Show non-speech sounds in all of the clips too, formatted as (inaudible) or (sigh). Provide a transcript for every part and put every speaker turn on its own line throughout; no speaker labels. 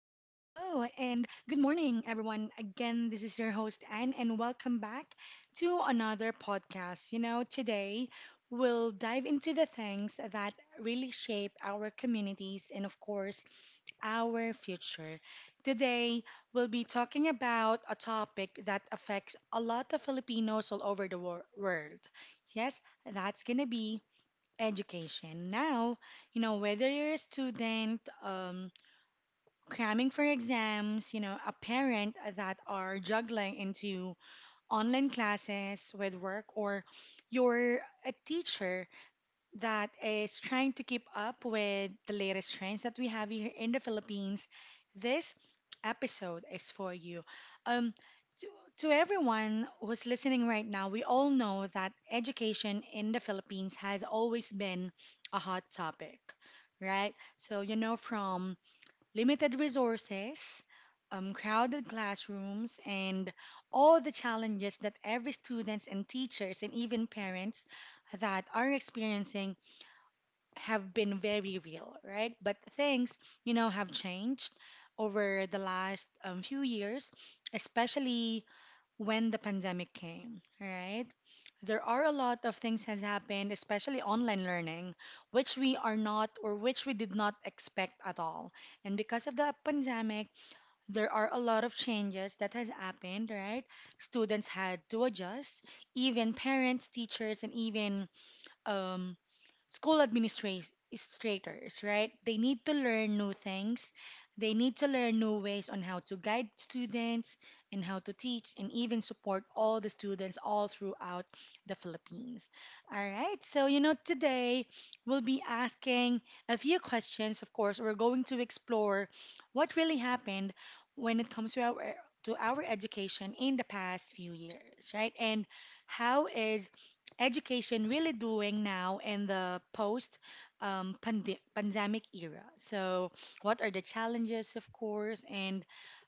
and good morning, everyone. Again, this is your host, Anne, and welcome back to another podcast. Today we'll dive into the things that really shape our communities and, of course, our future. Today, we'll be talking about a topic that affects a lot of Filipinos all over the world. Yes, that's gonna be education. Now, whether you're a student, cramming for exams, a parent that are juggling into online classes with work, or you're a teacher that is trying to keep up with the latest trends that we have here in the Philippines, this episode is for you. Um, to, to everyone who's listening right now, we all know that education in the Philippines has always been a hot topic, right? So, from limited resources, crowded classrooms, and all the challenges that every students and teachers and even parents that are experiencing have been very real, right? But things, have changed over the last few years, especially when the pandemic came, right? There are a lot of things has happened, especially online learning, which we are not or which we did not expect at all. And because of the pandemic, there are a lot of changes that has happened, right? Students had to adjust, even parents, teachers, and even um, school administrators, right? They need to learn new things. They need to learn new ways on how to guide students and how to teach and even support all the students all throughout the Philippines. All right, so today we'll be asking a few questions. Of course, we're going to explore what really happened when it comes to our education in the past few years, right? And how is education really doing now in the post pandemic era? So, what are the challenges, of course? And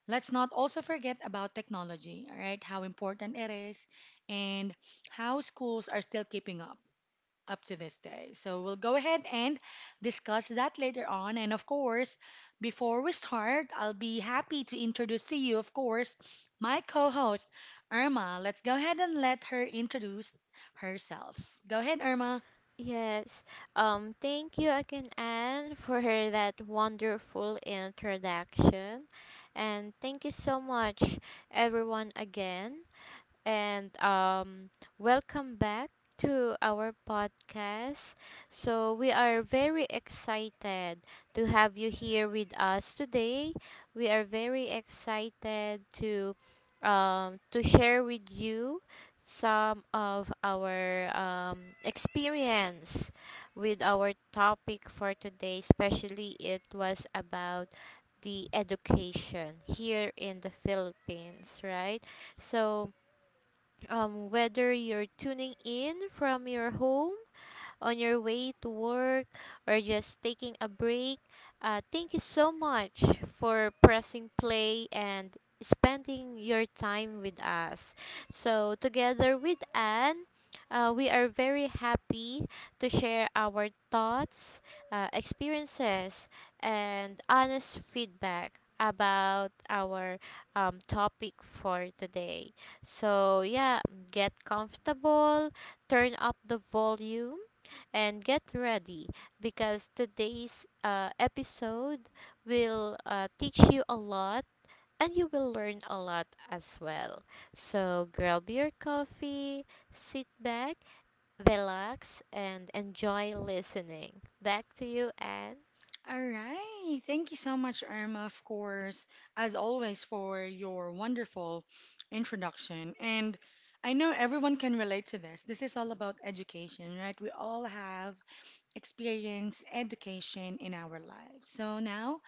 let's not also forget about technology, all right? How important it is and how schools are still keeping up to this day. So we'll go ahead and discuss that later on. And of course, before we start, I'll be happy to introduce to you, of course, my co host, Irma. Let's go ahead and let her introduce herself. Go ahead, Irma.
Yes. Thank you again, Anne, (laughs) for that wonderful introduction. And thank you so much, everyone, again and welcome back to our podcast. So, we are very excited to have you here with us today. We are very excited to share with you some of our experience with our topic for today, especially it was about the education here in the Philippines, right? So, whether you're tuning in from your home, on your way to work or just taking a break. Thank you so much for pressing play and spending your time with us. So, together with Anne, we are very happy to share our thoughts, experiences, and honest feedback about our topic for today. So, yeah, get comfortable, turn up the volume, and get ready because today's episode will teach you a lot and you will learn a lot as well. So grab your coffee, sit back, relax, and enjoy listening. Back to you, Anne.
All right. Thank you so much, Irma, of course, as always, for your wonderful introduction. And I know everyone can relate to this. This is all about education, right? We all have experience, education in our lives. So now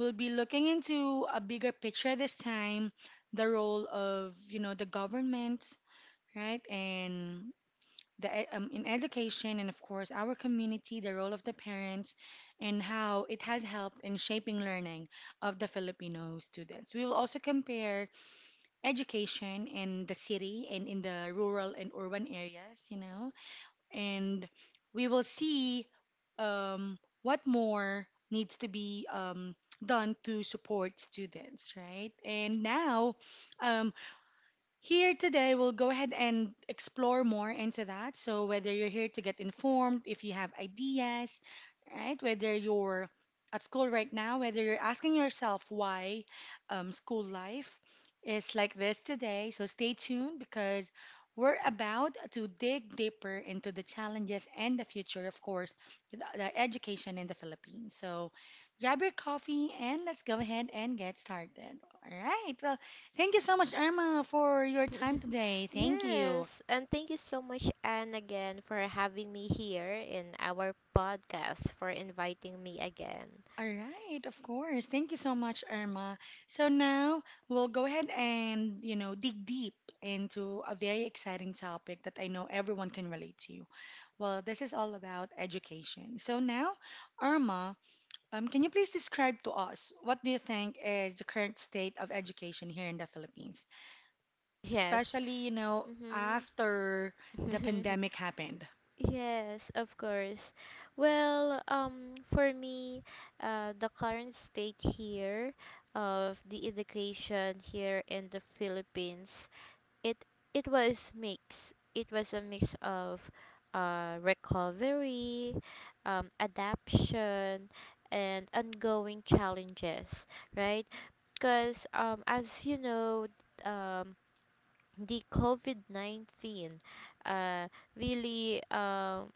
we'll be looking into a bigger picture this time, the role of, the government, right? And in education and of course our community, the role of the parents and how it has helped in shaping learning of the Filipino students. We will also compare education in the city and in the rural and urban areas, and we will see what more needs to be done to support students, right? And now, um, here today, we'll go ahead and explore more into that. So, whether you're here to get informed, if you have ideas, right? Whether you're at school right now, whether you're asking yourself why school life is like this today. So, stay tuned because we're about to dig deeper into the challenges and the future, of course, with the education in the Philippines. So, grab your coffee and let's go ahead and get started. All right. Well, thank you so much, Irma, for your time
(laughs)
today. Thank you.
Yes, and thank you so much, Anne, again for having me here in our podcast, for inviting me again.
All right, of course. Thank you so much, Irma. So now we'll go ahead and, dig deep into a very exciting topic that I know everyone can relate to. Well, this is all about education. So now, Irma, can you please describe to us what do you think is the current state of education here in the Philippines,
Yes.
especially,
Mm-hmm.
after the
(laughs)
pandemic happened?
Yes, of course. Well, for me, the current state here of the education here in the Philippines, it it was mix. It was a mix of recovery, adaption, and ongoing challenges, right? Because as you know, um, the COVID COVID-19 uh, really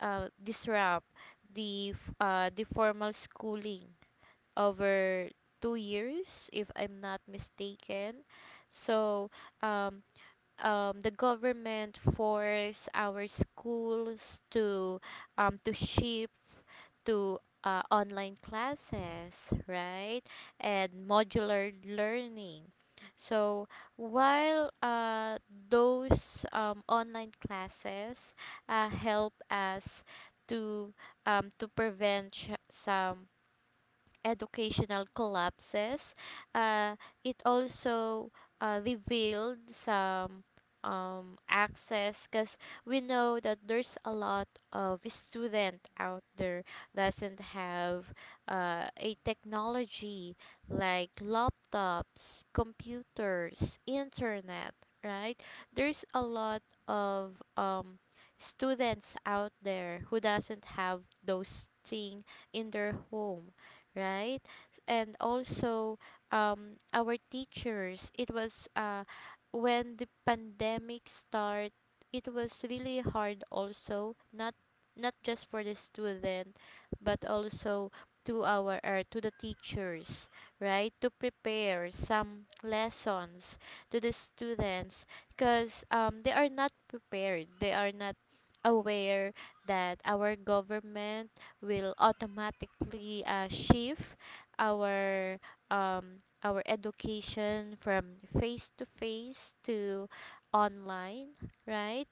disrupt the formal schooling over 2 years, if I'm not mistaken. So, um, the government force our schools to shift to online classes, right? And modular learning. So while those online classes help us to to prevent some educational collapses, uh, it also revealed some access because we know that there's a lot of student out there doesn't have a technology like laptops, computers, internet, right? There's a lot of students out there who doesn't have those things in their home, right? And also our teachers, it was when the pandemic start, it was really hard also, not just for the student, but also to our to the teachers, right? To prepare some lessons to the students because they are not prepared. They are not aware that our government will automatically shift our our education from face to face to online, right?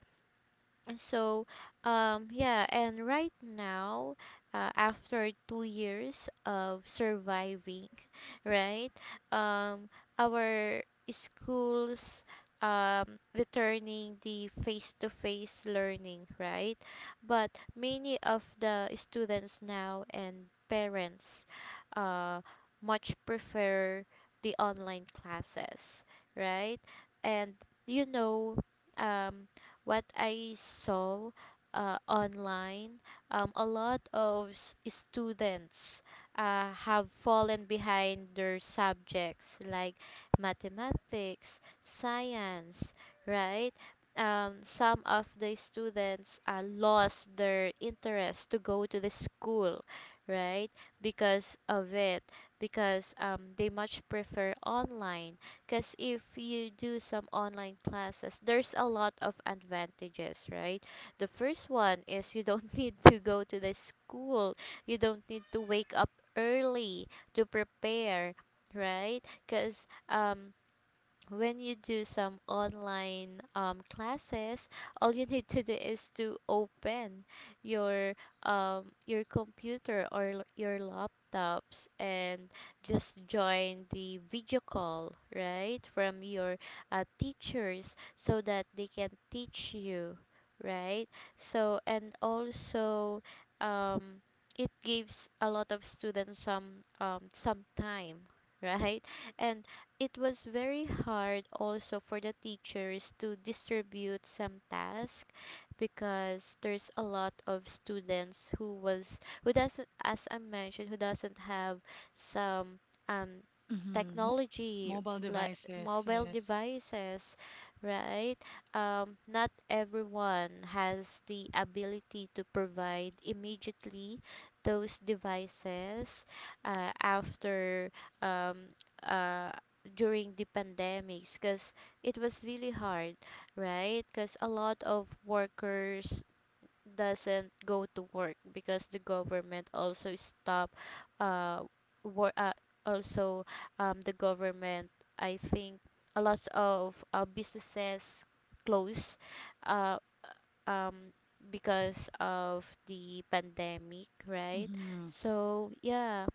So, yeah, and right now, after 2 years of surviving, (laughs) right, um, our schools returning the face-to-face learning, right? But many of the students now and parents uh, much prefer the online classes, right? And you know, um, what I saw online, a lot of students have fallen behind their subjects like mathematics, science, right? Some of the students lost their interest to go to the school, right? Because of it, because they much prefer online. Because if you do some online classes, there's a lot of advantages, right? The first one is you don't (laughs) need to go to the school, you don't need to wake up early to prepare, right? Because when you do some online classes, all you need to do is to open your your computer or your laptops and just join the video call, right, from your teachers so that they can teach you, right? So and also. Um, it gives a lot of students some time (laughs) right, and it was very hard also for the teachers to distribute some tasks because there's a lot of students who doesn't, as I mentioned, who doesn't have some um
Mm-hmm. Mo
technology
Mobile
like
devices,
mobile
yes.
devices, right? Not everyone has the ability to provide immediately those devices after um uh during the pandemics because it was really hard, right? Because a lot of workers doesn't go to work because the government also stop uh, wor- also the government I think A lot of businesses close uh, um because of the pandemic, right?
Mm-hmm.
So yeah,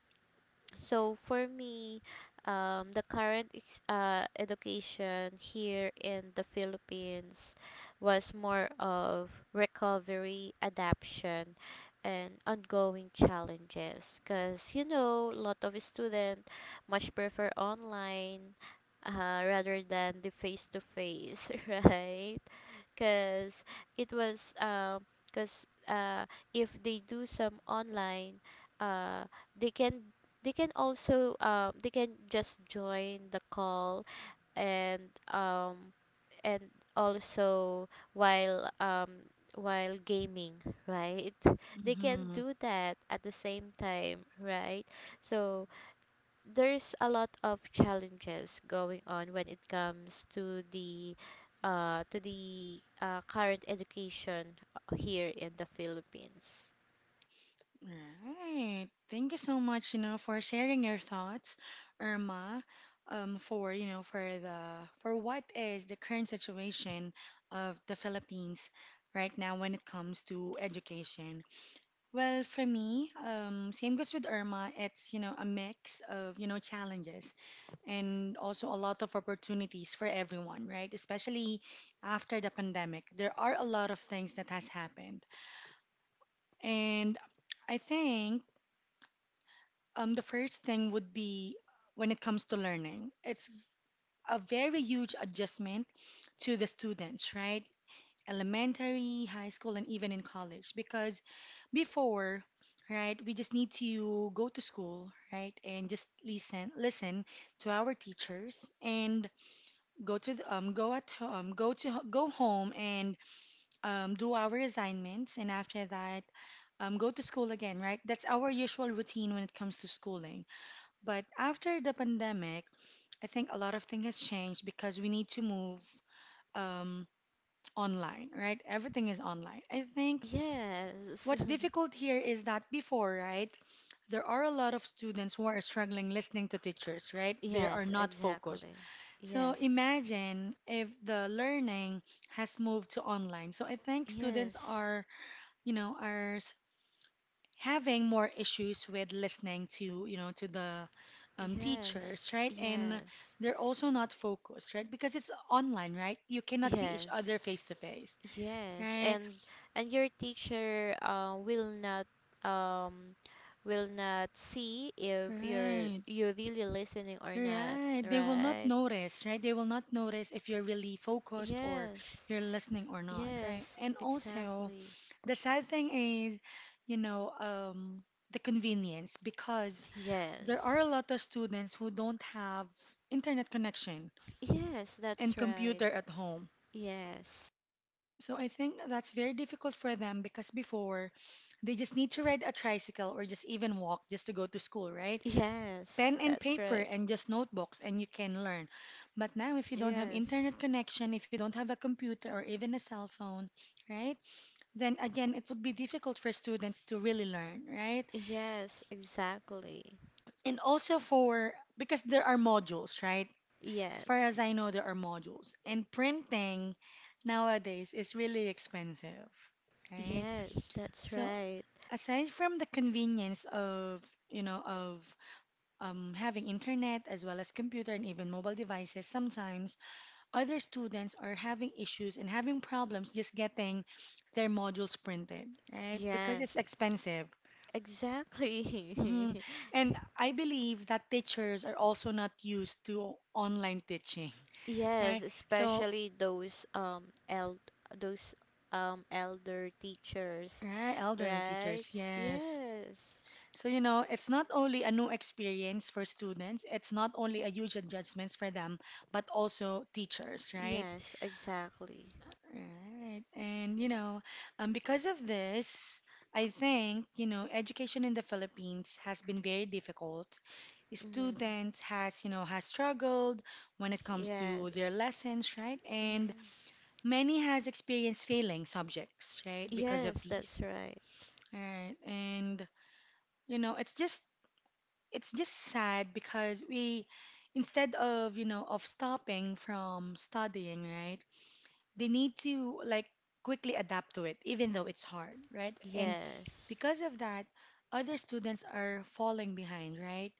so for me, the current education here in the Philippines was more of recovery, adaption, and ongoing challenges. Because you know, a lot of students much prefer online rather than the face to face, (laughs) right? Because it was because if they do some online, uh, they can they can also they can just join the call and um and also while um while gaming, right, (laughs) they can
Mm-hmm.
do that at the same time, right? So there's a lot of challenges going on when it comes to the current education here in the Philippines,
Right. Thank you so much, for sharing your thoughts, Irma, for, for the for what is the current situation of the Philippines right now when it comes to education. Well, for me, same goes with Irma. It's, a mix of, challenges and also a lot of opportunities for everyone, right? Especially after the pandemic, there are a lot of things that has happened. And I think the first thing would be when it comes to learning, it's a very huge adjustment to the students, right? Elementary, high school, and even in college, because before, right, we just need to go to school, right, and just listen, listen to our teachers and go home and do our assignments, and after that, go to school again, right? That's our usual routine when it comes to schooling. But after the pandemic, I think a lot of things has changed because we need to move um, online, right? Everything is online. I think
yes.
what's
(laughs)
difficult here is that before, right? There are a lot of students who are struggling listening to teachers, right? They are
Yes,
not focused.
exactly.
So
Yes,
imagine if the learning has moved to online. So I think students
yes,
are, you know, are s- having more issues with listening to, to the
yes,
teachers, right? And
yes,
they're also not focused, right? Because it's online, right? You cannot see each
yes,
other face to face,
yes.
right?
And your teacher um will not see if
Right.
you're really listening or not,
Right. They will not
right?
notice, right? They will not notice if you're really focused or
Yes,
you're listening or not, right?
yes,
And also,
exactly.
the sad thing is, you know, um, the convenience because there are
Yes,
a lot of students who don't have internet connection
yes, that's
and
right.
computer at home.
Yes,
So I think that's very difficult for them because before they just need to ride a tricycle or just even walk just to go to school, right?
yes,
Pen and
that's
paper
right.
and just notebooks and you can learn. But now if you don't have
Yes.
internet connection, if you don't have a computer or even a cell phone, right? Then again, it would be difficult for students to really learn, right?
Yes, exactly.
And also for, because there are modules, right? As far as
Yes.
I know, there are modules. And printing nowadays is really expensive, right?
Yes, that's
So
right.
aside from the convenience of, of having internet as well as computer and even mobile devices, sometimes other students are having issues and having problems just getting their modules printed, right? Because it's
Yes,
expensive.
exactly.
Hmm.
(laughs)
And I believe that teachers are also not used to online teaching,
Yes,
right? So,
especially those elder teachers,
right, elderly
right?
teachers, yes.
Yes.
So, it's not only a new experience for students, it's not only a huge adjustments for them, but also teachers, right?
Yes, exactly.
Right. And, because of this, I think, education in the Philippines has been very difficult.
Mm-hmm.
Students has, has struggled when it comes to their
Yes.
lessons, right? And
Mm-hmm.
many has experienced failing subjects, right, because of
Yes, that's
these.
right.
Right. And, you know, it's just it's just sad because we instead of, of stopping from studying, right? They need to like quickly adapt to it, even though it's hard, right? And
Yes.
because of that, other students are falling behind, right?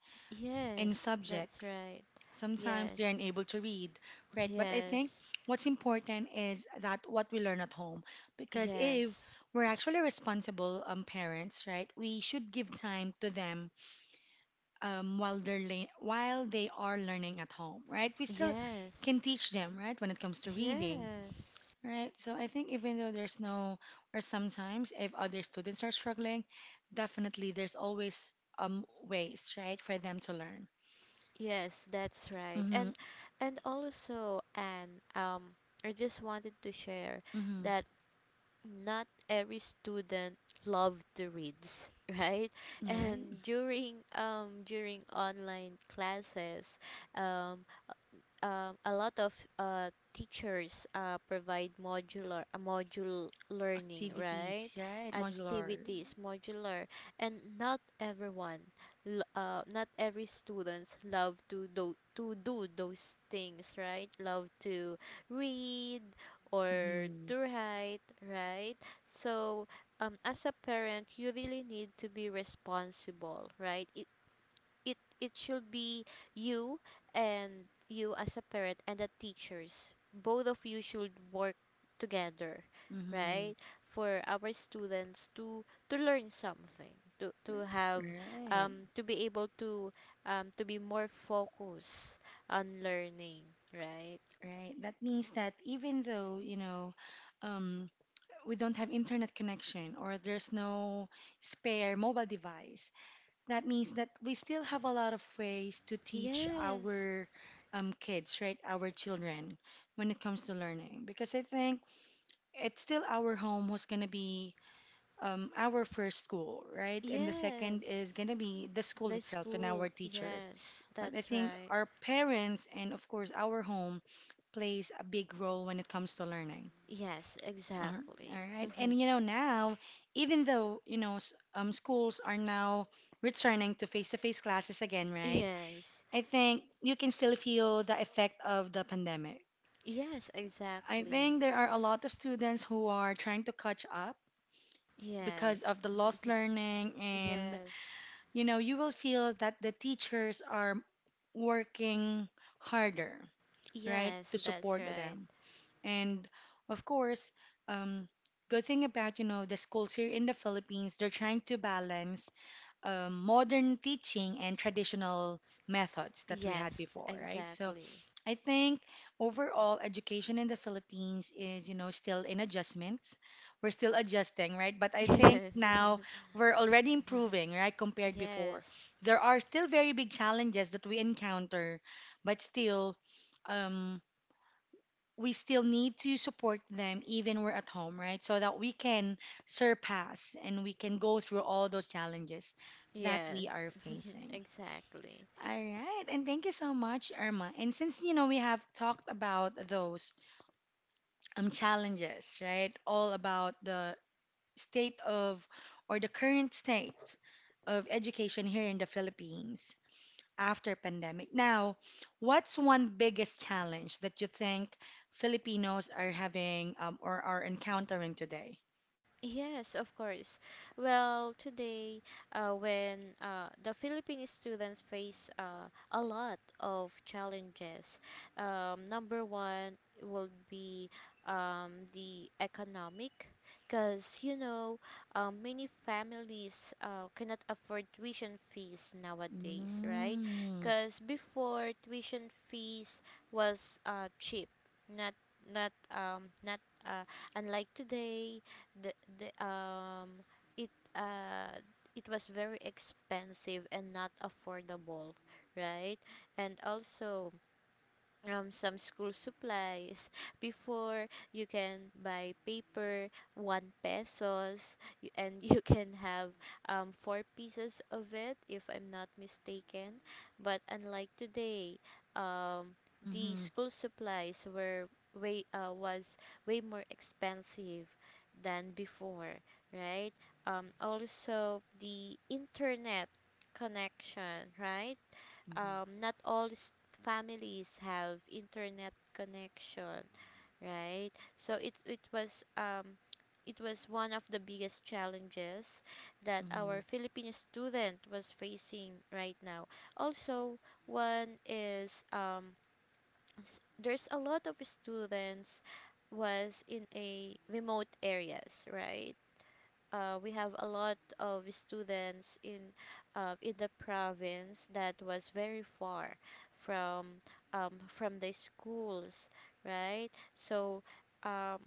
In
Yes, that's
subjects,
right.
sometimes they're
Yes.
unable to read, right? But I think
Yes.
what's important is that what we learn at home, because if
Yes.
we're actually responsible parents, right, we should give time to them while they are learning at home, right? We still
Yes.
can teach them, right, when it comes to reading.
Yes.
Right. So I think even though there's no, or sometimes if other students are struggling, definitely there's always ways, right, for them to learn.
Yes, that's right.
Mm-hmm.
And also and I just wanted to share
Mm-hmm.
that not every student loved to reads, (laughs) right?
Right.
And during online classes, um a lot of teachers provide modular a module learning, right,
Activities, right? Modular.
activities, modular, and not everyone, not every students love to do those things, right, love to read or
Mm-hmm.
to write, right? So as a parent you really need to be responsible, right I it it should be you, and you as a parent and the teachers, both of you should work together,
Mm-hmm.
right, for our students to learn something, to have
Right.
to be able to be more focused on learning, right?
Right. That means that even though, um, we don't have internet connection or there's no spare mobile device, that means that we still have a lot of ways to teach
Yes.
our kids, right? Our children when it comes to learning. Because I think it's still our home who's going to be our first school, right? And the second
yes
is going to be the school
the
itself and our
school
teachers.
yes,
But I
that's
think
right.
our parents and, of course, our home plays a big role when it comes to learning.
Yes,
Uh, All
exactly. (laughs)
right. And now, even though, schools are now returning to face-to-face classes again, right?
Yes.
I think you can still feel the effect of the pandemic.
Yes,
I
exactly.
think there are a lot of students who are trying to catch up because of
Yes.
the lost
(laughs)
learning, and,
Yes.
you will feel that the teachers are working harder, right, to
Yes, that's
support
right.
them. And of course, um, good thing about you know the schools here in the Philippines, they're trying to balance modern teaching and traditional methods that we had
Yes,
before, right? So
exactly.
I think overall education in the Philippines is you know still in adjustments. We're still adjusting, right? But I
(laughs) Yes.
think now we're already improving, right?
(laughs)
Compared before,
Yes.
there are still very big challenges that we encounter, but still. Um, we still need to support them even we're at home, right? So that we can surpass and we can go through all those challenges that we are
Yes. (laughs)
facing.
Exactly.
All right, and thank you so much, Irma. And since you know we have talked about those challenges, right? All about the state of or the current state of education here in the Philippines after pandemic. Now, what's one biggest challenge that you think Filipinos are having or are encountering today?
Yes, of course. Well, today, when the Philippine students face a lot of challenges. Number one would be the economic, because you know, many families cannot afford tuition fees nowadays, right?
Mm-hmm.
Because before tuition fees was cheap, not not unlike today the the it it was very expensive and not affordable, right? And also, some school supplies. Before you can buy paper one pesos and (laughs) you can have four pieces of it, if I'm not mistaken. But unlike today, um, the
Mm-hmm.
school supplies were way uh, was way more expensive than before, right? Also the internet connection, right? Not all families have internet connection, right? So it was one of the biggest challenges that our
Mm-hmm.
Filipino student was facing right now. Also, one is there's a lot of students was in a remote areas, right? We have a lot of students in the province that was very far from from the schools, right? So um,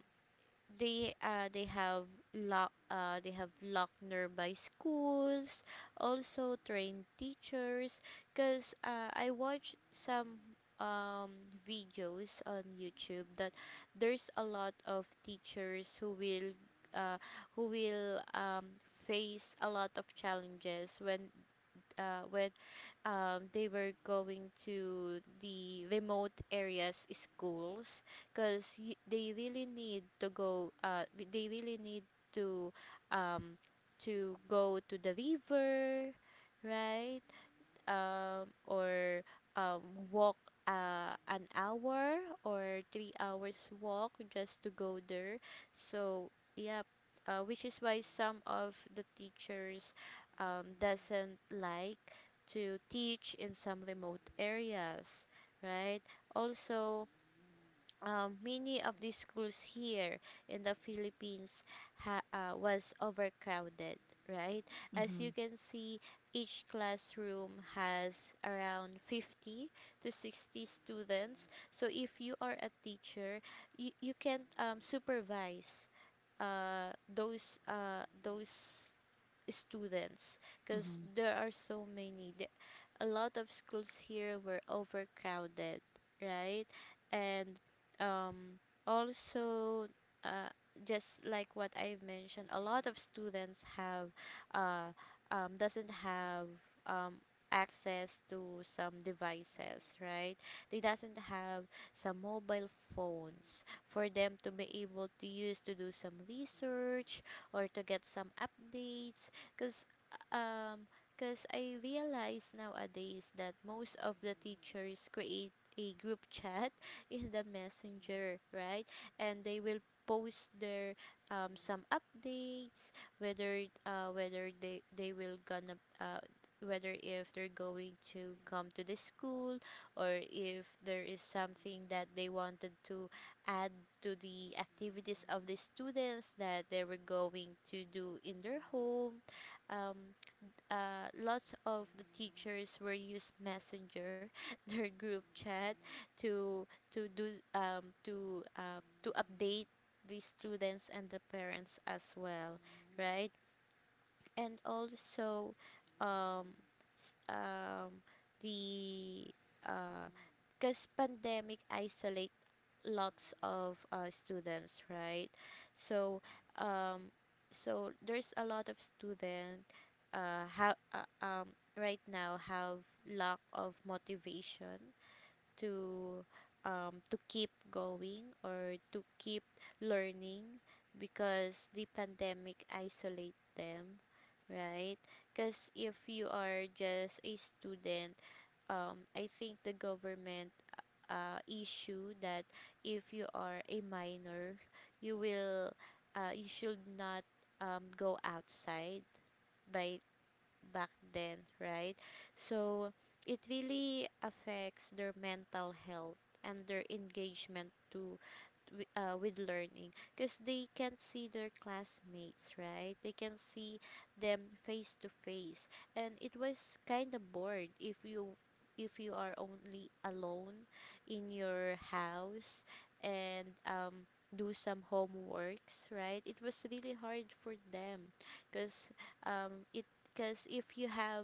they uh, they have they have locked nearby schools, also trained teachers, because I watched some um, videos on youtube that there's a lot of teachers who will uh, who will um, face a lot of challenges when they were going to the remote areas schools because they really need they really need to um, to go to the river, right, or um, walk an hour or 3 hours walk just to go there. So yeah, which is why some of the teachers doesn't like to teach in some remote areas, right? Also, many of the schools here in the Philippines was overcrowded, right? As you
Mm-hmm.
can see, each classroom has around 50 to 60 students. So if you are a teacher, you can supervise those students because
Mm-hmm.
there are so many. A lot of schools here were overcrowded, right? And um, also, uh, just like what I've mentioned, a lot of students have uh, doesn't have um, access to some devices, right? They doesn't have some mobile phones for them to be able to use to do some research or to get some updates because um, cause I realize nowadays that most of the teachers create a group chat (laughs) in the messenger, right? And they will post their some updates whether whether they will gonna whether if they're going to come to the school, or if there is something that they wanted to add to the activities of the students that they were going to do in their home. um, Lots of the teachers were use messenger (laughs) their group chat to do to update the students and the parents as well, right? And also, um, s- the because pandemic isolates lots of students, right? So, um, so there's a lot of student uh, ha- uh, um, right now have lack of motivation to to keep going or to keep learning because the pandemic isolate them, right? Because if you are just a student, I think the government issue that if you are a minor, you will you should not go outside by back then, right? So it really affects their mental health and their engagement to with learning, because they can see their classmates, right? They can see them face to face, and it was kind of bored if you, if you are only alone in your house and do some homeworks, right? It was really hard for them because it because if you have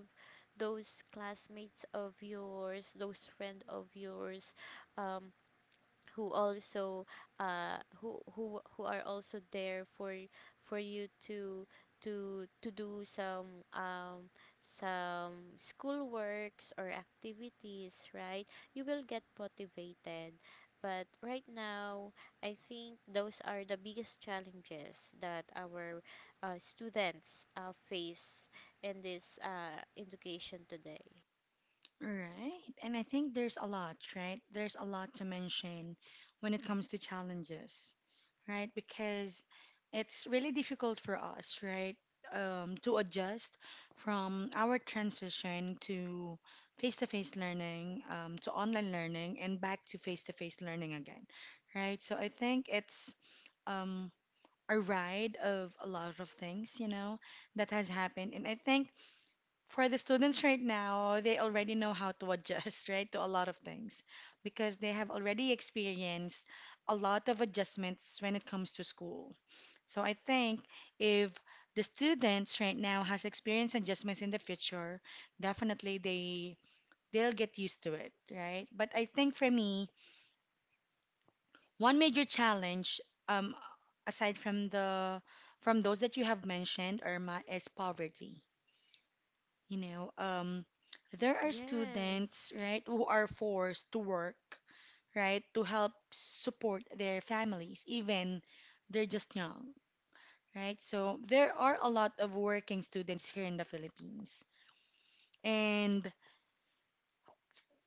those classmates of yours, those friend of yours, um who also who are also there for you to to do some school works or activities, right? You will get motivated. But right now, I think those are the biggest challenges that our students face in this education today.
Right. And I think there's a lot, right? There's a lot to mention when it comes to challenges, right? Because it's really difficult for us, right? To adjust from our transition to face-to-face learning, to online learning, and back to face-to-face learning again, right? So I think it's um, a ride of a lot of things, you know, that has happened. And I think for the students right now, they already know how to adjust, (laughs) right, to a lot of things because they have already experienced a lot of adjustments when it comes to school. So I think if the students right now has experienced adjustments in the future, definitely they'll get used to it, right? But I think for me, one major challenge, um, aside from the from those that you have mentioned, Irma, is poverty. You know, there are students,
Yes.
right, who are forced to work, right, to help support their families, even they're just young, right? So there are a lot of working students here in the Philippines. And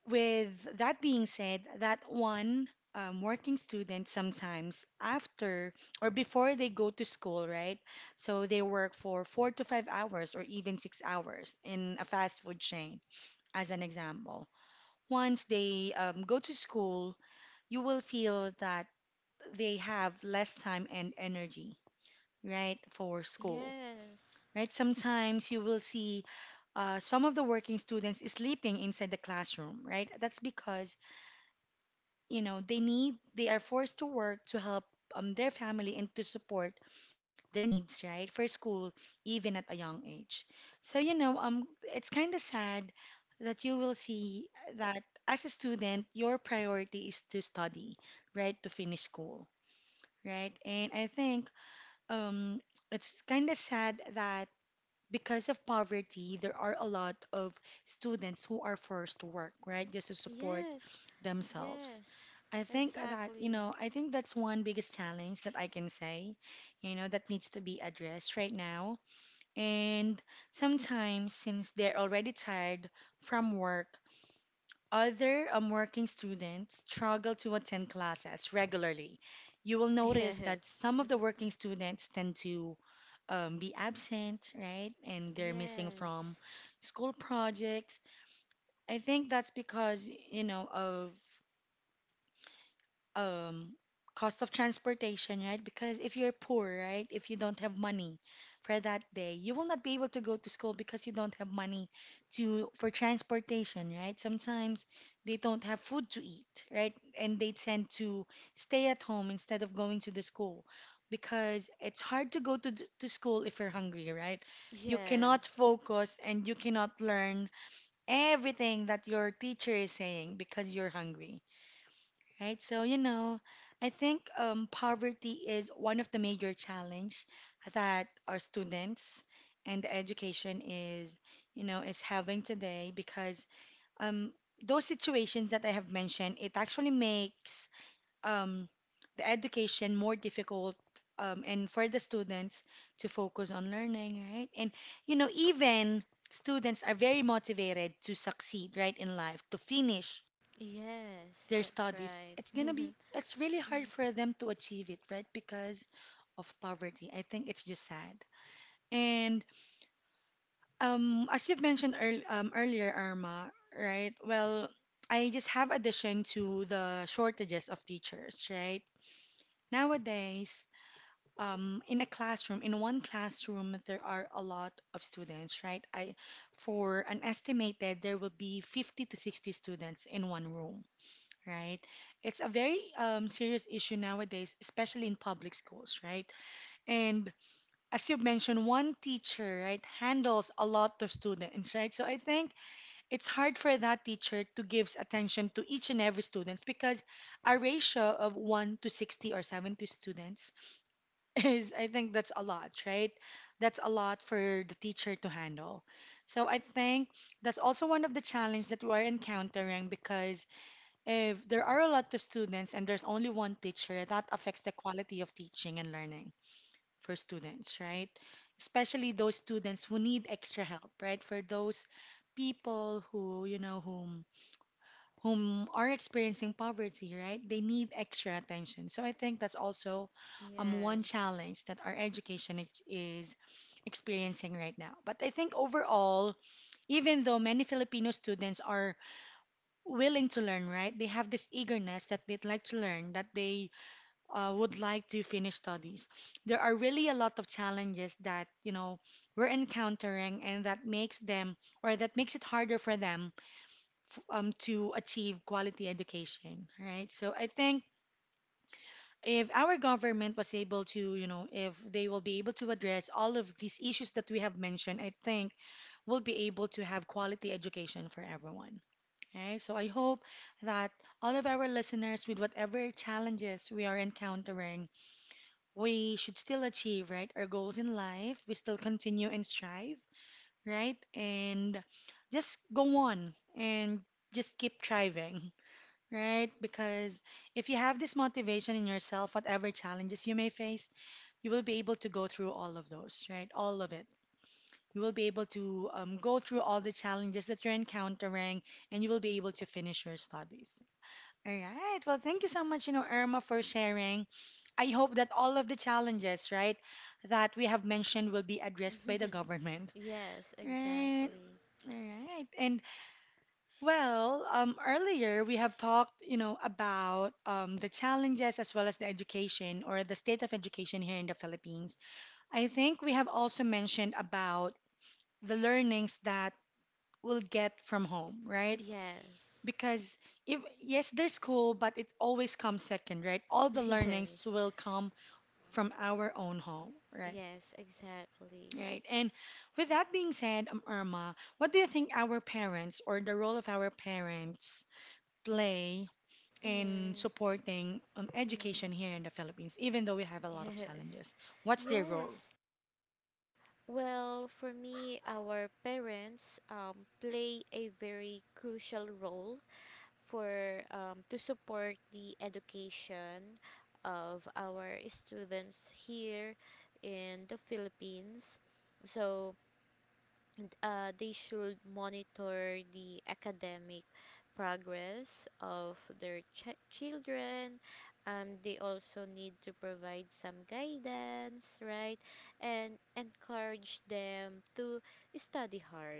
with that being said, that one working student sometimes after or before they go to school, right? So they work for 4 to 5 hours or even 6 hours in a fast food chain, as an example. Once they go to school, you will feel that they have less time and energy, right, for school,
Yes.
right? Sometimes you will see some of the working students sleeping inside the classroom, right? That's because you know they are forced to work to help their family and to support their needs right for school even at a young age. So you know, it's kind of sad that you will see that as a student your priority is to study, right, to finish school, right. And I think um it's kind of sad that because of poverty, there are a lot of students who are forced to work, right, just to support
Yes,
themselves.
yes,
I think that, you
exactly.
know, I think that's one biggest challenge that I can say, you know, that needs to be addressed right now. And sometimes, since they're already tired from work, other working students struggle to attend classes regularly. You will notice that
Yes.
some of the
(laughs)
working students tend to be absent, right? And they're missing
yes,
from school projects. I think that's because, you know, of um cost of transportation, right? Because if you're poor, right, if you don't have money for that day, you will not be able to go to school because you don't have money to for transportation, right? Sometimes they don't have food to eat, right? And they tend to stay at home instead of going to the school because it's hard to go to to school if you're hungry, right? You cannot
yes,
focus and you cannot learn everything that your teacher is saying because you're hungry. Right, so you know, I think poverty is one of the major challenge that our students and education is, you know, is having today because um, those situations that I have mentioned, it actually makes um, the education more difficult and for the students to focus on learning, right? And you know, even students are very motivated to succeed, right, in life, to finish
yes,
their
that's
studies,
right.
it's
(laughs)
gonna be it's really
Mm,
hard for them to achieve it, right? Because of poverty. I think it's just sad. And as you've mentioned earl earlier, Irma, right? Well, I just have addition to the shortages of teachers, right? Nowadays, in a classroom, in one classroom, there are a lot of students, right? I, for an estimated, there will be 50 to 60 students in one room, right? It's a very serious issue nowadays, especially in public schools, right? And as you mentioned, one teacher, right, handles a lot of students, right? So I think it's hard for that teacher to give attention to each and every students because a ratio of 1 to 60 or 70 students (laughs) is, I think that's a lot, right? That's a lot for the teacher to handle. So I think that's also one of the challenges that we're encountering because if there are a lot of students and there's only one teacher, that affects the quality of teaching and learning for students, right? Especially those students who need extra help, right? For those people who, you know, whom are experiencing poverty, right? They need extra attention. So I think that's also one
yes.
challenge that our education is experiencing right now. But I think overall, even though many Filipino students are willing to learn, right? They have this eagerness that they'd like to learn, that they would like to finish studies. There are really a lot of challenges that, you know, we're encountering and that makes them or that makes it harder for them to achieve quality education, right? So I think if our government was able to, you know, if they will be able to address all of these issues that we have mentioned, I think we'll be able to have quality education for everyone. Okay, so I hope that all of our listeners, with whatever challenges we are encountering, we should still achieve, right, our goals in life. We still continue and strive, right? And just go on and just keep striving, right? Because if you have this motivation in yourself, whatever challenges you may face, you will be able to go through all of those, right? All of it. You will be able to go through all the challenges that you're encountering and you will be able to finish your studies. All right. Well, thank you so much, you know, Irma, for sharing. I hope that all of the challenges, right, that we have mentioned will be addressed by the
(laughs)
government.
Yes,
Right.
exactly.
All right. And well, earlier we have talked, you know, about the challenges as well as the education or the state of education here in the Philippines. I think we have also mentioned about the learnings that we'll get from home, right?
Yes.
Because if yes, there's school, but it always comes second, right? All the
(laughs)
learnings
Yes,
will come from our own home, right?
yes, exactly.
Right. And with that being said, Irma, what do you think our parents or the role of our parents play in
Mm.
supporting
Mm,
education here in the Philippines, even though we have a lot of
yes,
challenges? What's their role?
yes. Well, for me, our parents play a very crucial role for, to support the education of our students here in the Philippines. So, and they should monitor the academic progress of their children. They also need to provide some guidance, right? And encourage them to study hard,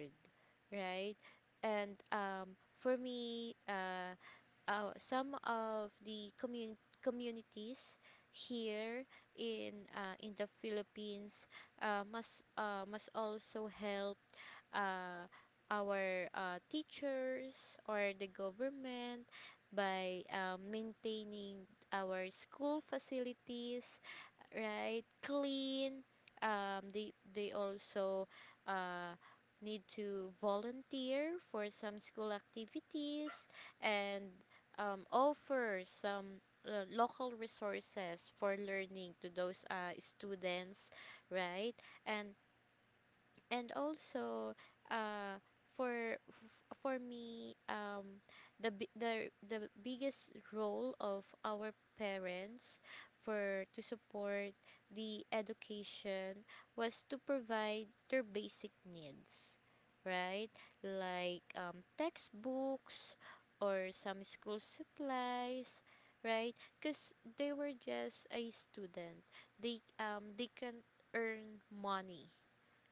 right? And for me, some of the communities here in, in the Philippines must also help uh, our teachers or the government by maintaining our school facilities, right, clean. They also uh need to volunteer for some school activities, and offer some local resources for learning to those students, right? and and also, uh for f- for me the bi- the biggest role of our parents for to support the education was to provide their basic needs, right? Like textbooks or some school supplies, right? Because they were just a student, they can earn money,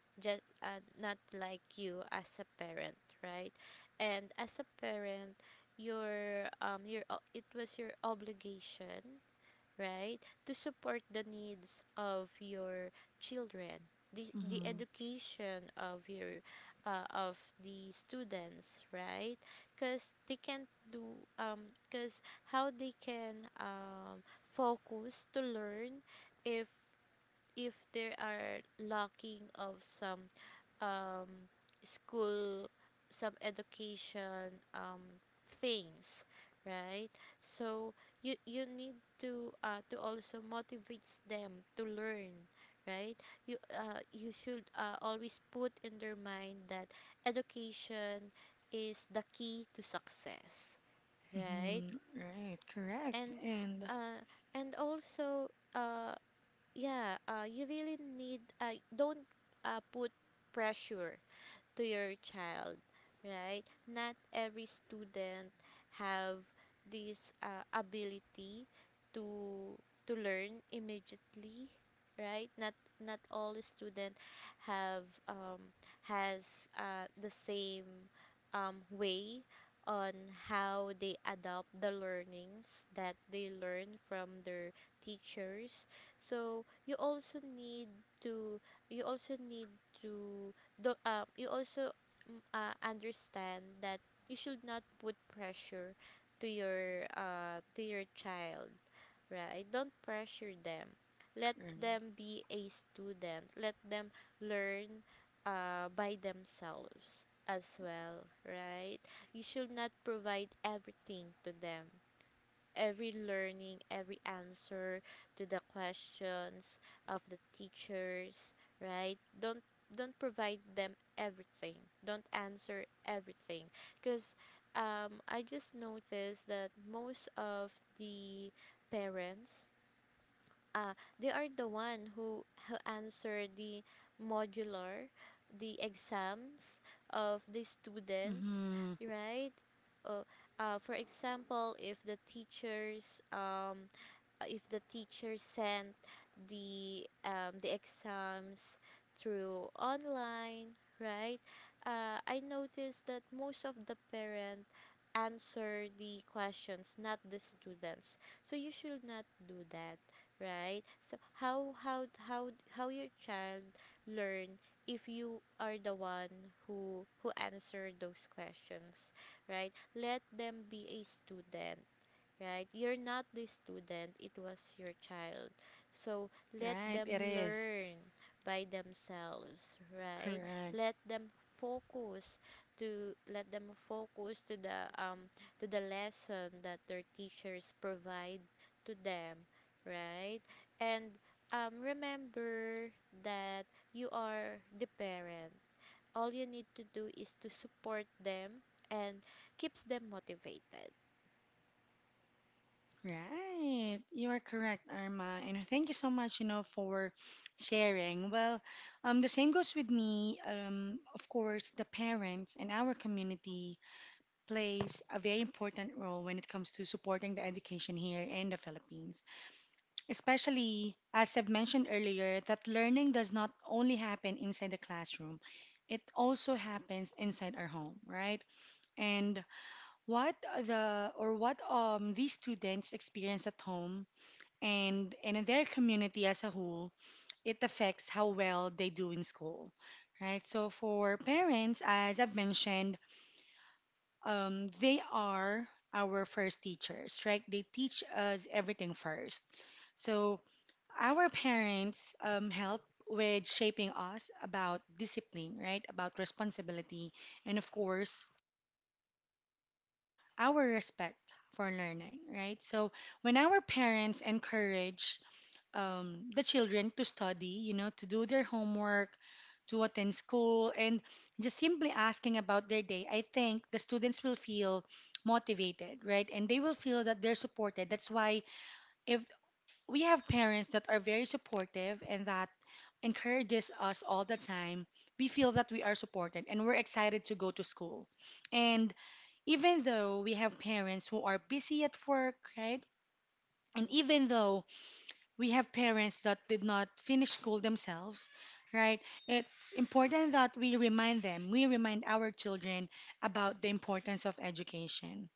just not like you as a parent, right? And as a parent, your it was your obligation, right, to support the needs of your children, the
Mm-hmm.
education of your of the students, right? Because they can't do um because how they can focus to learn if if they are lacking of some um, school, some education things, right? So you, need to also motivates them to learn, right? You you should always put in their mind that education is the key to success, right?
Mm-hmm. Right.
And
Correct. And
uh, and also, uh, yeah, you really need, don't put pressure to your child, right? Not every student have this ability to to learn immediately, right? Not, not all student have has the same way on how they adopt the learnings that they learn from their teachers. So you also need to, you also need to the you also mm, understand that you should not put pressure to your child, right? Don't pressure them. Let them
right.
be a student, let them learn by themselves as well, right? You should not provide everything to them, every learning, every answer to the questions of the teachers, right? Don't, provide them everything. Don't answer everything. Because I just noticed that most of the parents uh, they are the one who answer the modular, the exams of the students,
Mm-hmm.
right? uh, for example, if the teachers if the teacher sent the exams through online, right? I noticed that most of the parent answer the questions, not the students. So you should not do that, right? So how your child learn if you are the one who answer those questions, right? Let them be a student, right? You're not the student, it was your child. So let them
Right. It is.
learn by themselves, right?
Correct.
Let them focus to, the to the lesson that their teachers provide to them, right? And remember that you are the parent. All you need to do is to support them and keeps them motivated.
Right. You are correct, Irma. And thank you so much, you know, for sharing. Well, the same goes with me. Of course, the parents in our community plays a very important role when it comes to supporting the education here in the Philippines. Especially, as I've mentioned earlier, that learning does not only happen inside the classroom. It also happens inside our home, right? And what the or what these students experience at home and in their community as a whole, it affects how well they do in school, right? So for parents, as I've mentioned, they are our first teachers, right? They teach us everything first. So our parents help with shaping us about discipline, right? About responsibility, and of course, our respect for learning, right? So when our parents encourage the children to study, you know, to do their homework, to attend school, and just simply asking about their day, I think the students will feel motivated, right? And they will feel that they're supported. That's why if we have parents that are very supportive and that encourages us all the time, we feel that we are supported and we're excited to go to school. And even though we have parents who are busy at work, right? And even though we have parents that did not finish school themselves, right? It's important that we remind them, we remind our children about the importance of education,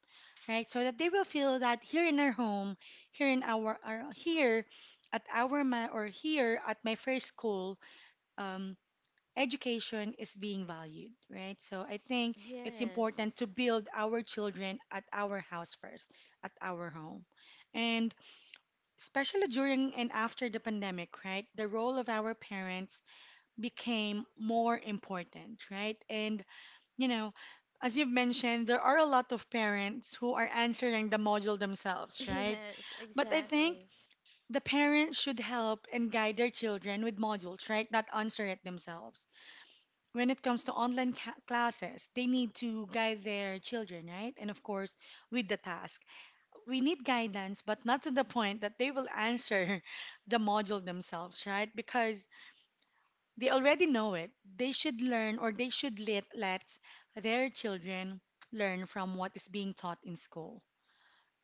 right? So that they will feel that here in our home, here in our here at our ma- or here at my first school, um, education is being valued, right? So I think it's
Yes.
important to build our children at our house first, at our home. And especially during and after the pandemic, right? The role of our parents became more important, right? And, you know, as you've mentioned, there are a lot of parents who are answering the module
(laughs)
themselves, right?
Yes,
But I
exactly.
think the parents should help and guide their children with modules, right? Not answer it themselves. When it comes to online classes, they need to guide their children, right? And of course, with the task we need guidance, but not to the point that they will answer (laughs) the module themselves, right? Because they already know it. They should learn or they should let their children learn from what is being taught in school.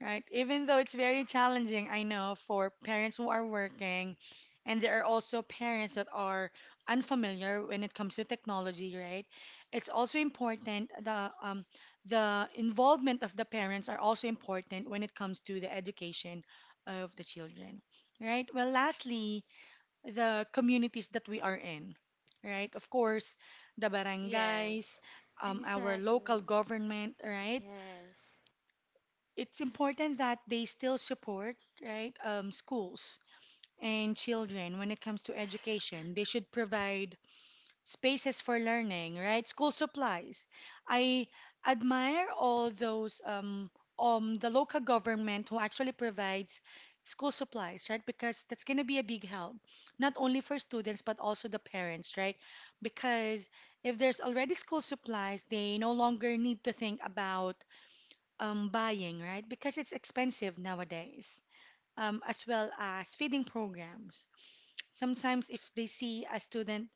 Right. Even though it's very challenging, I know, for parents who are working, and there are also parents that are unfamiliar when it comes to technology, right? It's also important the involvement of the parents are also important when it comes to the education of the children, right? Well, lastly, the communities that we are in, right? Of course, the
Yes,
barangays, our
exactly.
local government, right?
Yes,
It's important that they still support, right, schools and children when it comes to education. They should provide spaces for learning, right? School supplies. I admire all those the local government who actually provides school supplies, right? Because that's going to be a big help, not only for students but also the parents, right? Because if there's already school supplies, they no longer need to think about buying, right? Because it's expensive nowadays, as well as feeding programs. Sometimes, if they see a student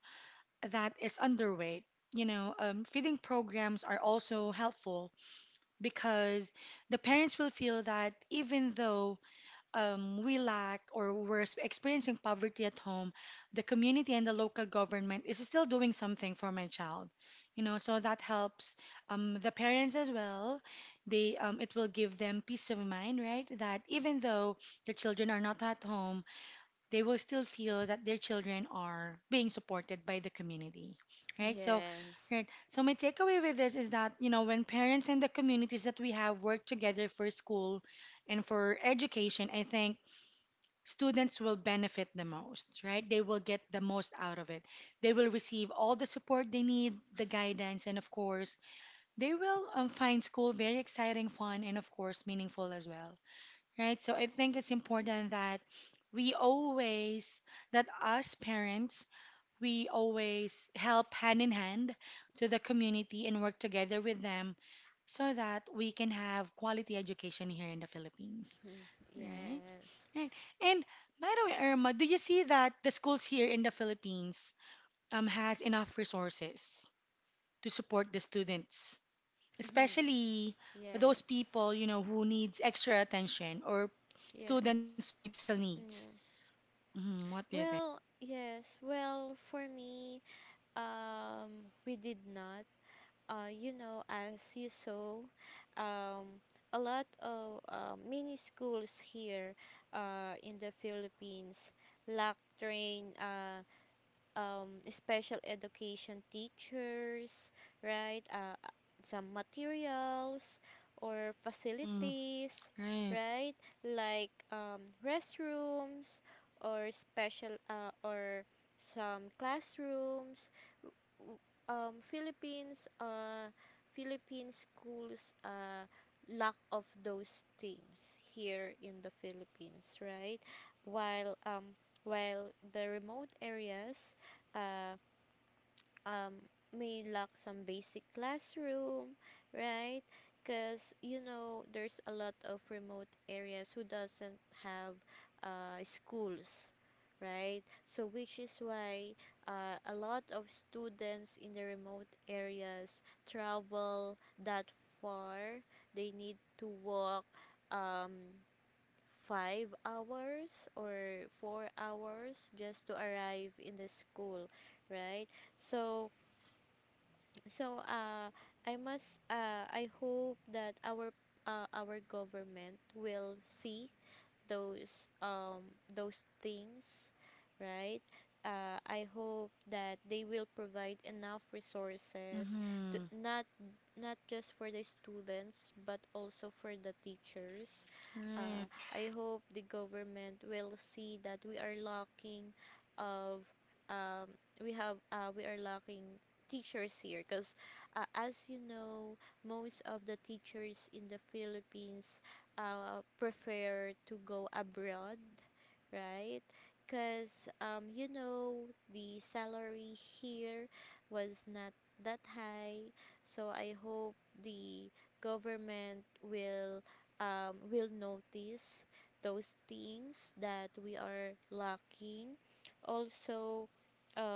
that is underweight, you know, feeding programs are also helpful because the parents will feel that even though we lack or experiencing poverty at home, the community and the local government is still doing something for my child. You know, so that helps the parents as well. They it will give them peace of mind, right? That even though the children are not at home, they will still feel that their children are being supported by the community, right? So,
yes.
right. So my takeaway with this is that you know when parents and the communities that we have work together for school and for education, I think students will benefit the most, right? They will get the most out of it. They will receive all the support they need, the guidance, and of course, they will find school very exciting, fun, and of course, meaningful as well, right? So I think it's important that we always, that us parents, we always help hand in hand to the community and work together with them so that we can have quality education here in the
Mm,
Philippines, right?
yes.
Right. And by the way, Irma, do you see that the schools here in the Philippines has enough resources to support the students,
Mhm.
especially those
Yes,
people, you know, who needs extra attention or
yes.
students with special
Mm.
needs? Hmm. What do you think?
Well, yes. Well, for me, we did not. You know, as you saw, um, a lot of many schools here, in the Philippines, lack train. Special education teachers, right? Some materials or
Hmm.
facilities,
Right.
right? Like restrooms or special or some classrooms. w- Um, Philippines, uh, Philippine schools lack of those things here in the Philippines, right? While um, while the remote areas uh, um, may lack some basic classroom, right? Because you know there's a lot of remote areas who doesn't have schools, right? So which is why a lot of students in the remote areas travel that far. They need to walk um, 5 hours or 4 hours just to arrive in the school, right? So so uh I must, I hope that our government will see those um those things, right? Uh, I hope that they will provide enough resources to
Hmm.
not, not just for the students but also for the teachers. Uh,
Right.
I hope the government will see that we are lacking of um, we have, we are lacking teachers here, because as you know, most of the teachers in the Philippines prefer to go abroad, right? Because, you know, the salary here was not that high. So I hope the government will notice those things that we are lacking. Also, um,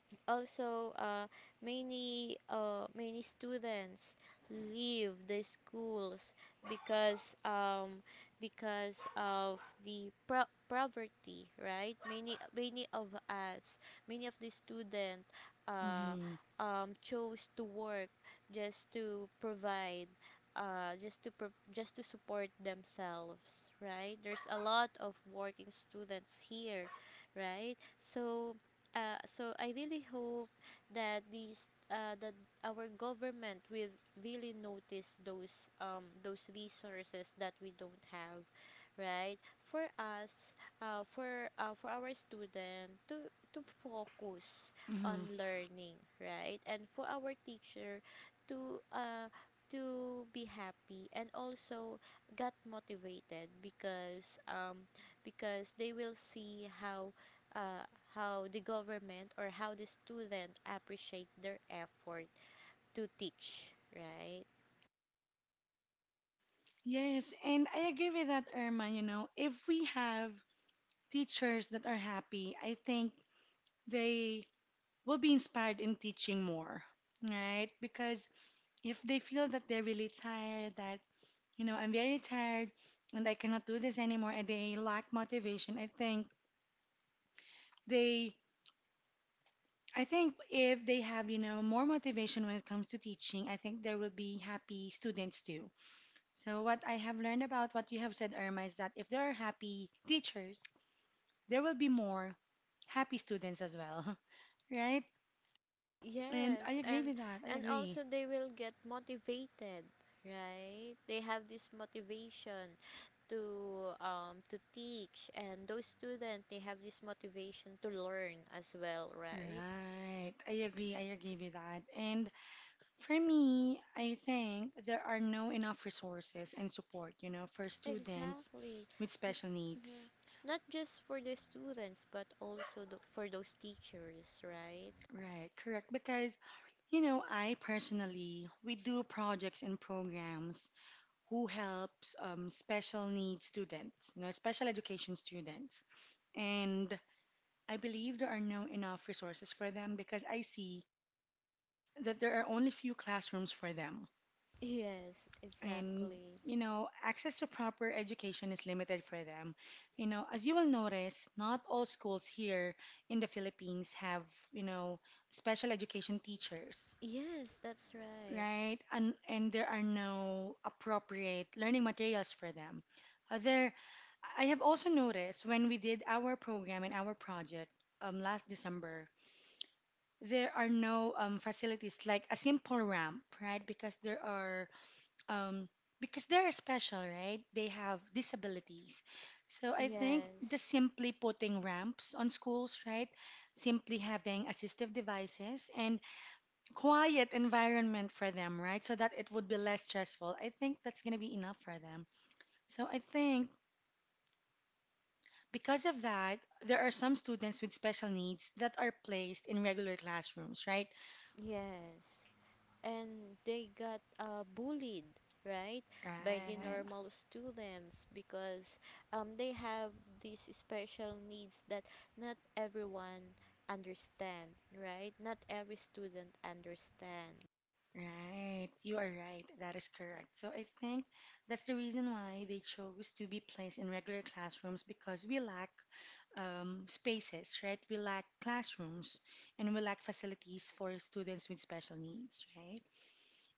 also uh, many many students leave the schools because um, because of the poverty, right? Many of us, many of the student uh,
Hmm.
chose to work just to provide, just to support themselves, right? There's a lot of working students here, right? So I really hope that these that our government will really notice those resources that we don't have, right? For us, for our student to, focus on
Hmm.
learning, right? And for our teacher to uh to be happy and also got motivated, because they will see uh, how the government or how the student appreciate their effort to teach, right?
Yes, and I agree with that, Irma. You know, if we have teachers that are happy, I think they will be inspired in teaching more, right? Because if they feel that they're really tired, that, you know, I'm very tired and I cannot do this anymore, and they lack motivation, I think they, I think if they have, you know, more motivation when it comes to teaching, I think there will be happy students too. So, what I have learned about what you have said, Irma, is that if there are happy teachers, there will be more happy students as well, (laughs) right? And
Yes,
I agree with that.
and
I
also
agree.
they will get motivated, right? They have this motivation to teach, and those students they have this motivation to learn as well, right?
Right. I agree. I agree with that. And for me, I think there are no enough resources and support, you know, for students
Exactly.
with
N-
special
mhm.
needs.
Not just for the students but also for those teachers, right? (laughs)
Right. Correct. Because, you know, I personally, we do projects and programs who helps special needs students, you know, special education students. And I believe there are no enough resources for them because I see that there are only few classrooms for them.
Yes,
And
exactly.
you know, access to proper education is limited for them, you know, as you will notice not all schools here in the Philippines have, you know, special education teachers,
Yes, that's right.
right? And there are no appropriate learning materials for them. Uh, There, I have also noticed when we did our program and our project last December there are no facilities like a simple ramp, right? Because there are um, because they're special, right? They have disabilities. So I think
Yes,
just simply putting ramps on schools, right? Simply having assistive devices and quiet environment for them, right? So that it would be less stressful. I think that's going to be enough for them. So I think because of that, there are some students with special needs that are placed in regular classrooms, right?
yes. And they got bullied, right, by the
Right.
normal students, because they have these special needs that not everyone understand, right? Not every student understand.
Right, you are right. That is correct. So I think that's the reason why they chose to be placed in regular classrooms because we lack spaces, right? We lack classrooms and we lack facilities for students with special needs, right?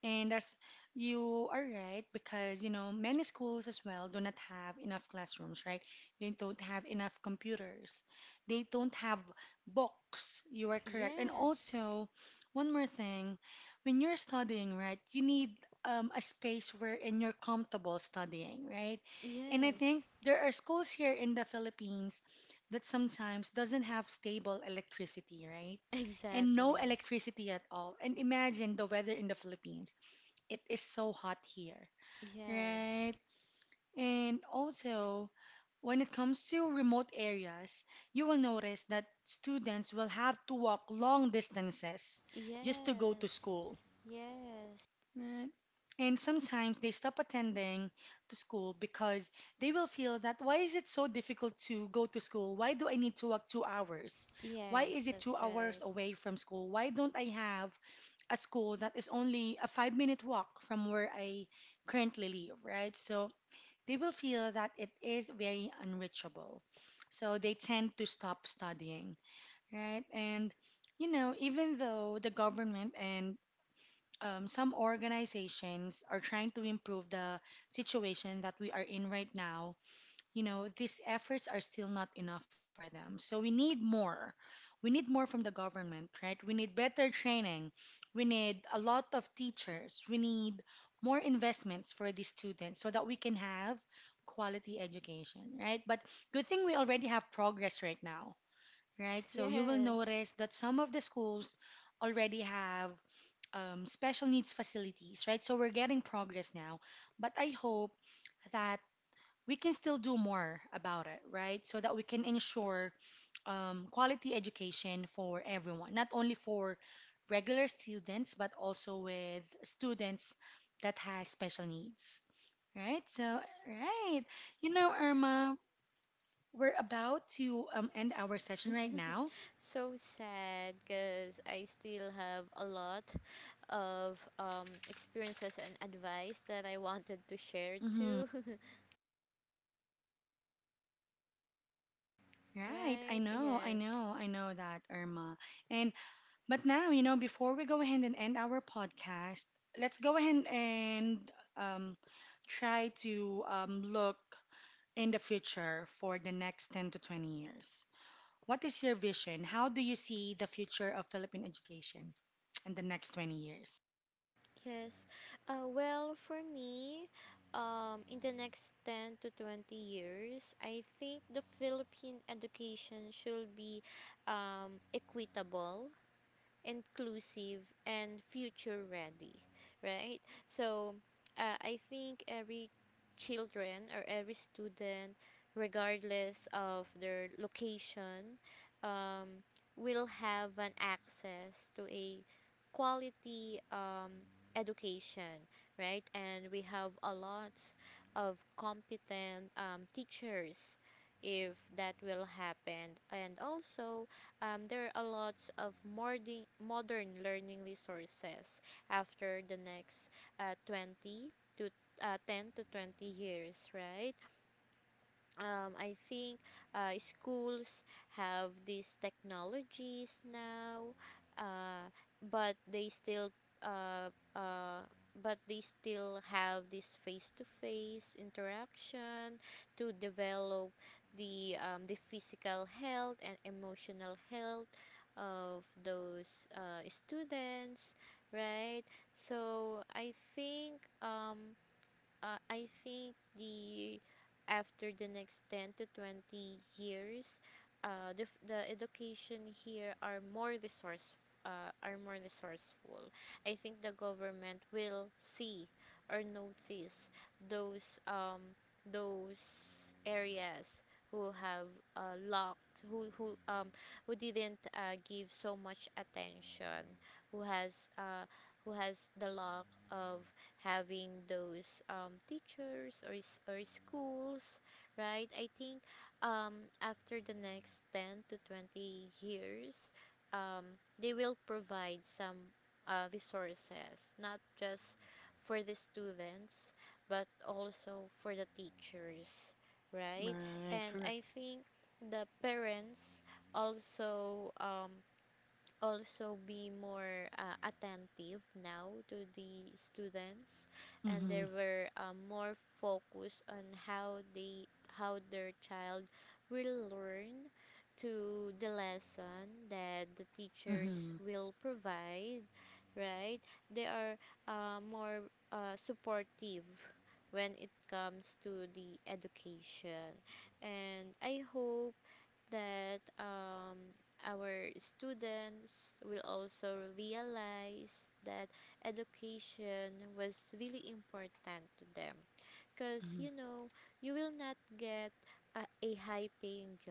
And as you are right, because you know, many schools as well do not have enough classrooms, right? They don't have enough computers. They don't have books. You are correct. And
Yes,
also, one more thing, when you're studying, right, you need a space wherein you're comfortable studying, right? And I
yes,
think there are schools here in the Philippines that sometimes doesn't have stable electricity,
(laughs)
right? And
exactly.
no electricity at all. And imagine the weather in the Philippines, it is so hot here,
Yes,
right? And also, when it comes to remote areas, you will notice that students will have to walk long distances just to go
yes,
to school,
yes,
right? And sometimes they stop attending to school because they will feel that why is it so difficult to go to school? Why do I need to walk 2 hours?
yes,
Why is
that's
it two
right.
hours away from school? Why don't I have a school that is only a 5-minute walk from where I currently live, right? So they will feel that it is very unreachable. So they tend to stop studying, right? And, you know, even though the government and some organizations are trying to improve the situation that we are in right now, you know, these efforts are still not enough for them. So we need more. We need more from the government, right? We need better training. We need a lot of teachers. We need more investments for these students so that we can have quality education, right? But good thing we already have progress right now, right? So you
Yes.
will notice that some of the schools already have special needs facilities, right? So we're getting progress now. But I hope that we can still do more about it, right? So that we can ensure quality education for everyone, not only for regular students, but also with students that has special needs, right? So, right, you know, Irma, we're about to end our session
(laughs)
right now.
So sad, because I still have a lot of experiences and advice that I wanted to share too.
Hmm.
(laughs) Right?
Right, I
Yes.
know, I know, I know that, Irma. And but now, you know, before we go ahead and end our podcast, let's go ahead and um, try to look in the future for the next 10 to 20 years. What is your vision? How do you see the future of Philippine education in the next 20 years?
Yes. Well, for me, in the next 10 to 20 years, I think the Philippine education should be equitable, inclusive, and future ready, right? So I think every children or every student, regardless of their location, um, will have an access to a quality education, right? And we have a lot of competent teachers if that will happen. And also, there are a lot of modern learning resources after the next uh, 20 to uh, 10 to 20 years, right? Um, I think schools have these technologies now, uh, but they still uh, uh, but they still have this face-to-face interaction to develop the physical health and emotional health of those students, right? So I think. I think the, after the next 10 to 20 years, the education here are more resource, are more resourceful. I think the government will see or notice those um, those areas who have locked who didn't give so much attention, who has uh, who has the lack of having those teachers or, or schools, right? I think after the next 10 to 20 years, um, they will provide some resources, not just for the students, but also for the teachers, right? And
Right,
I
correct.
think the parents also, also be more attentive now to the students, and they
Mm-hmm,
were more focused on how they, how their child will learn to the lesson that the teachers
mm-hmm,
will provide, right? They are more supportive when it comes to the education. And I hope that our students will also realize that education was really important to them, because you
mm-hmm,
know, you will not get a high paying job,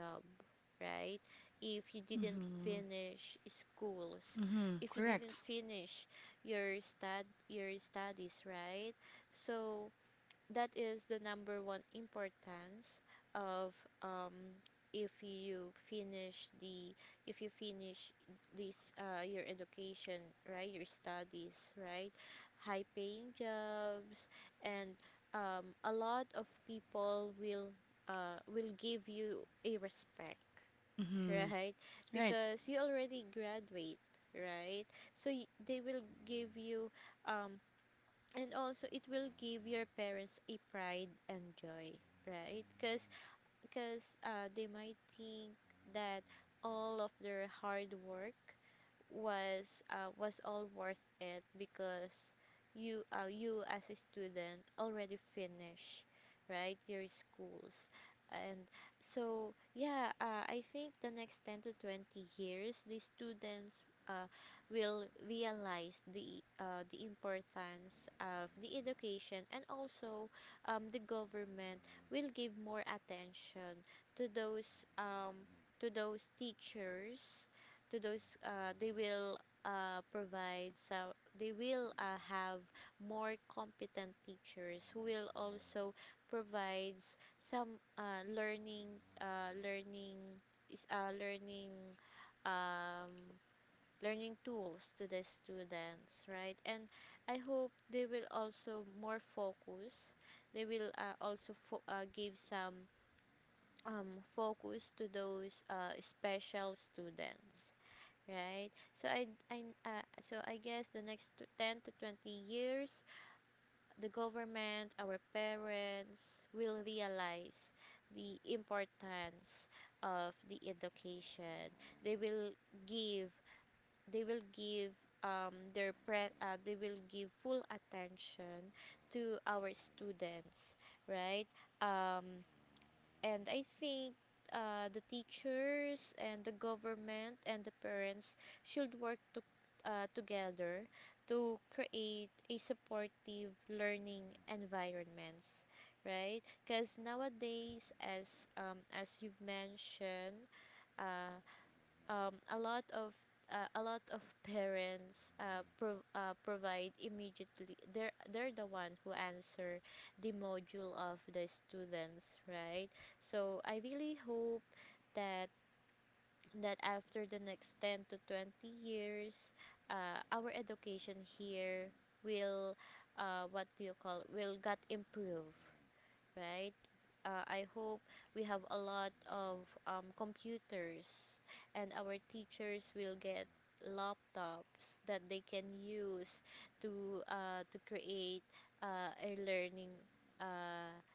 right, if you didn't
mm-hmm,
finish schools, if you
mm-hmm,
didn't
correct.
finish your stud your studies, right? So that is the number one importance of um if you finish the, if you finish this your education, right, your studies, right? High paying jobs, and a lot of people will give you a respect, (laughs) right?
Mm-hmm,
Because
right.
you already graduate, right? So they will give you um and also it will give your parents a pride and joy, right? Because they might think that all of their hard work was, was all worth it, because you, you as a student already finished, right, your schools. And so yeah, I think the next 10 to 20 years, the students will realize the importance of the education. And also, the government will give more attention to those um, to those teachers, to those uh, provide some they will, have more competent teachers who will also provides some uh, learning learning, um, learning tools to the students, right? And I hope they will also more focus, they will also give some focus to those special students, right? So so I guess the next 10 to 20 years, the government, our parents will realize the importance of the education. They will give, they will give they will give full attention to our students, right? Um, and I think the teachers and the government and the parents should work to, together to create a supportive learning environments, right? Because nowadays, as you've mentioned, uh, a lot of, a lot of parents provide immediately, they're, the one who answer the module of the students, right? So I really hope that, after the next 10 to 20 years, our education here will, what do you call, will got improved, right? I hope we have a lot of computers, and our teachers will get laptops that they can use to, to create a learning uh,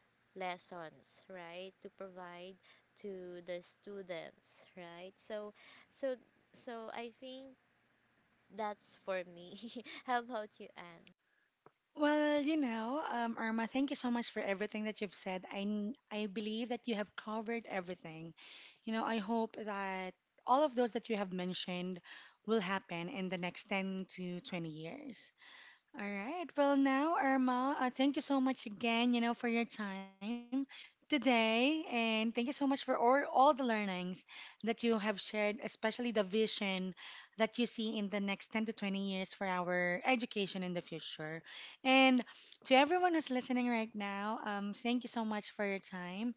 lessons, right, to provide to the students, right? So so so I think that's for me. (laughs) How about you, Anne?
Well, you know, Irma, thank you so much for everything that you've said. I believe that you have covered everything. You know, I hope that all of those that you have mentioned will happen in the next 10 to 20 years. All right. Well, now, Irma, thank you so much again, you know, for your time today, and thank you so much for all the learnings that you have shared, especially the vision that you see in the next 10 to 20 years for our education in the future. And to everyone who's listening right now, thank you so much for your time.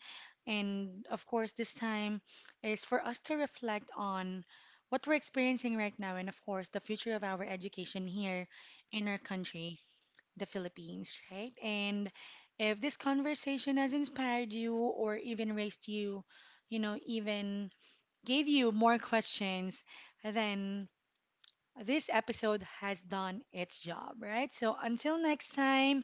And of course, this time is for us to reflect on what we're experiencing right now and, of course, the future of our education here in our country, the Philippines, right? And if this conversation has inspired you or even raised you, you know, even gave you more questions, then this episode has done its job, right? So until next time,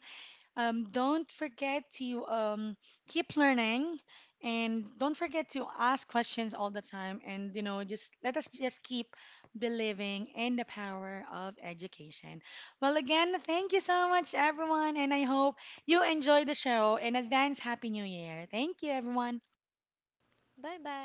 don't forget to keep learning and don't forget to ask questions all the time. And, you know, just let us just keep believing in the power of education. Well, again, thank you so much, everyone. And I hope you enjoy the show. In advance, Happy New Year. Thank you, everyone.
Bye bye.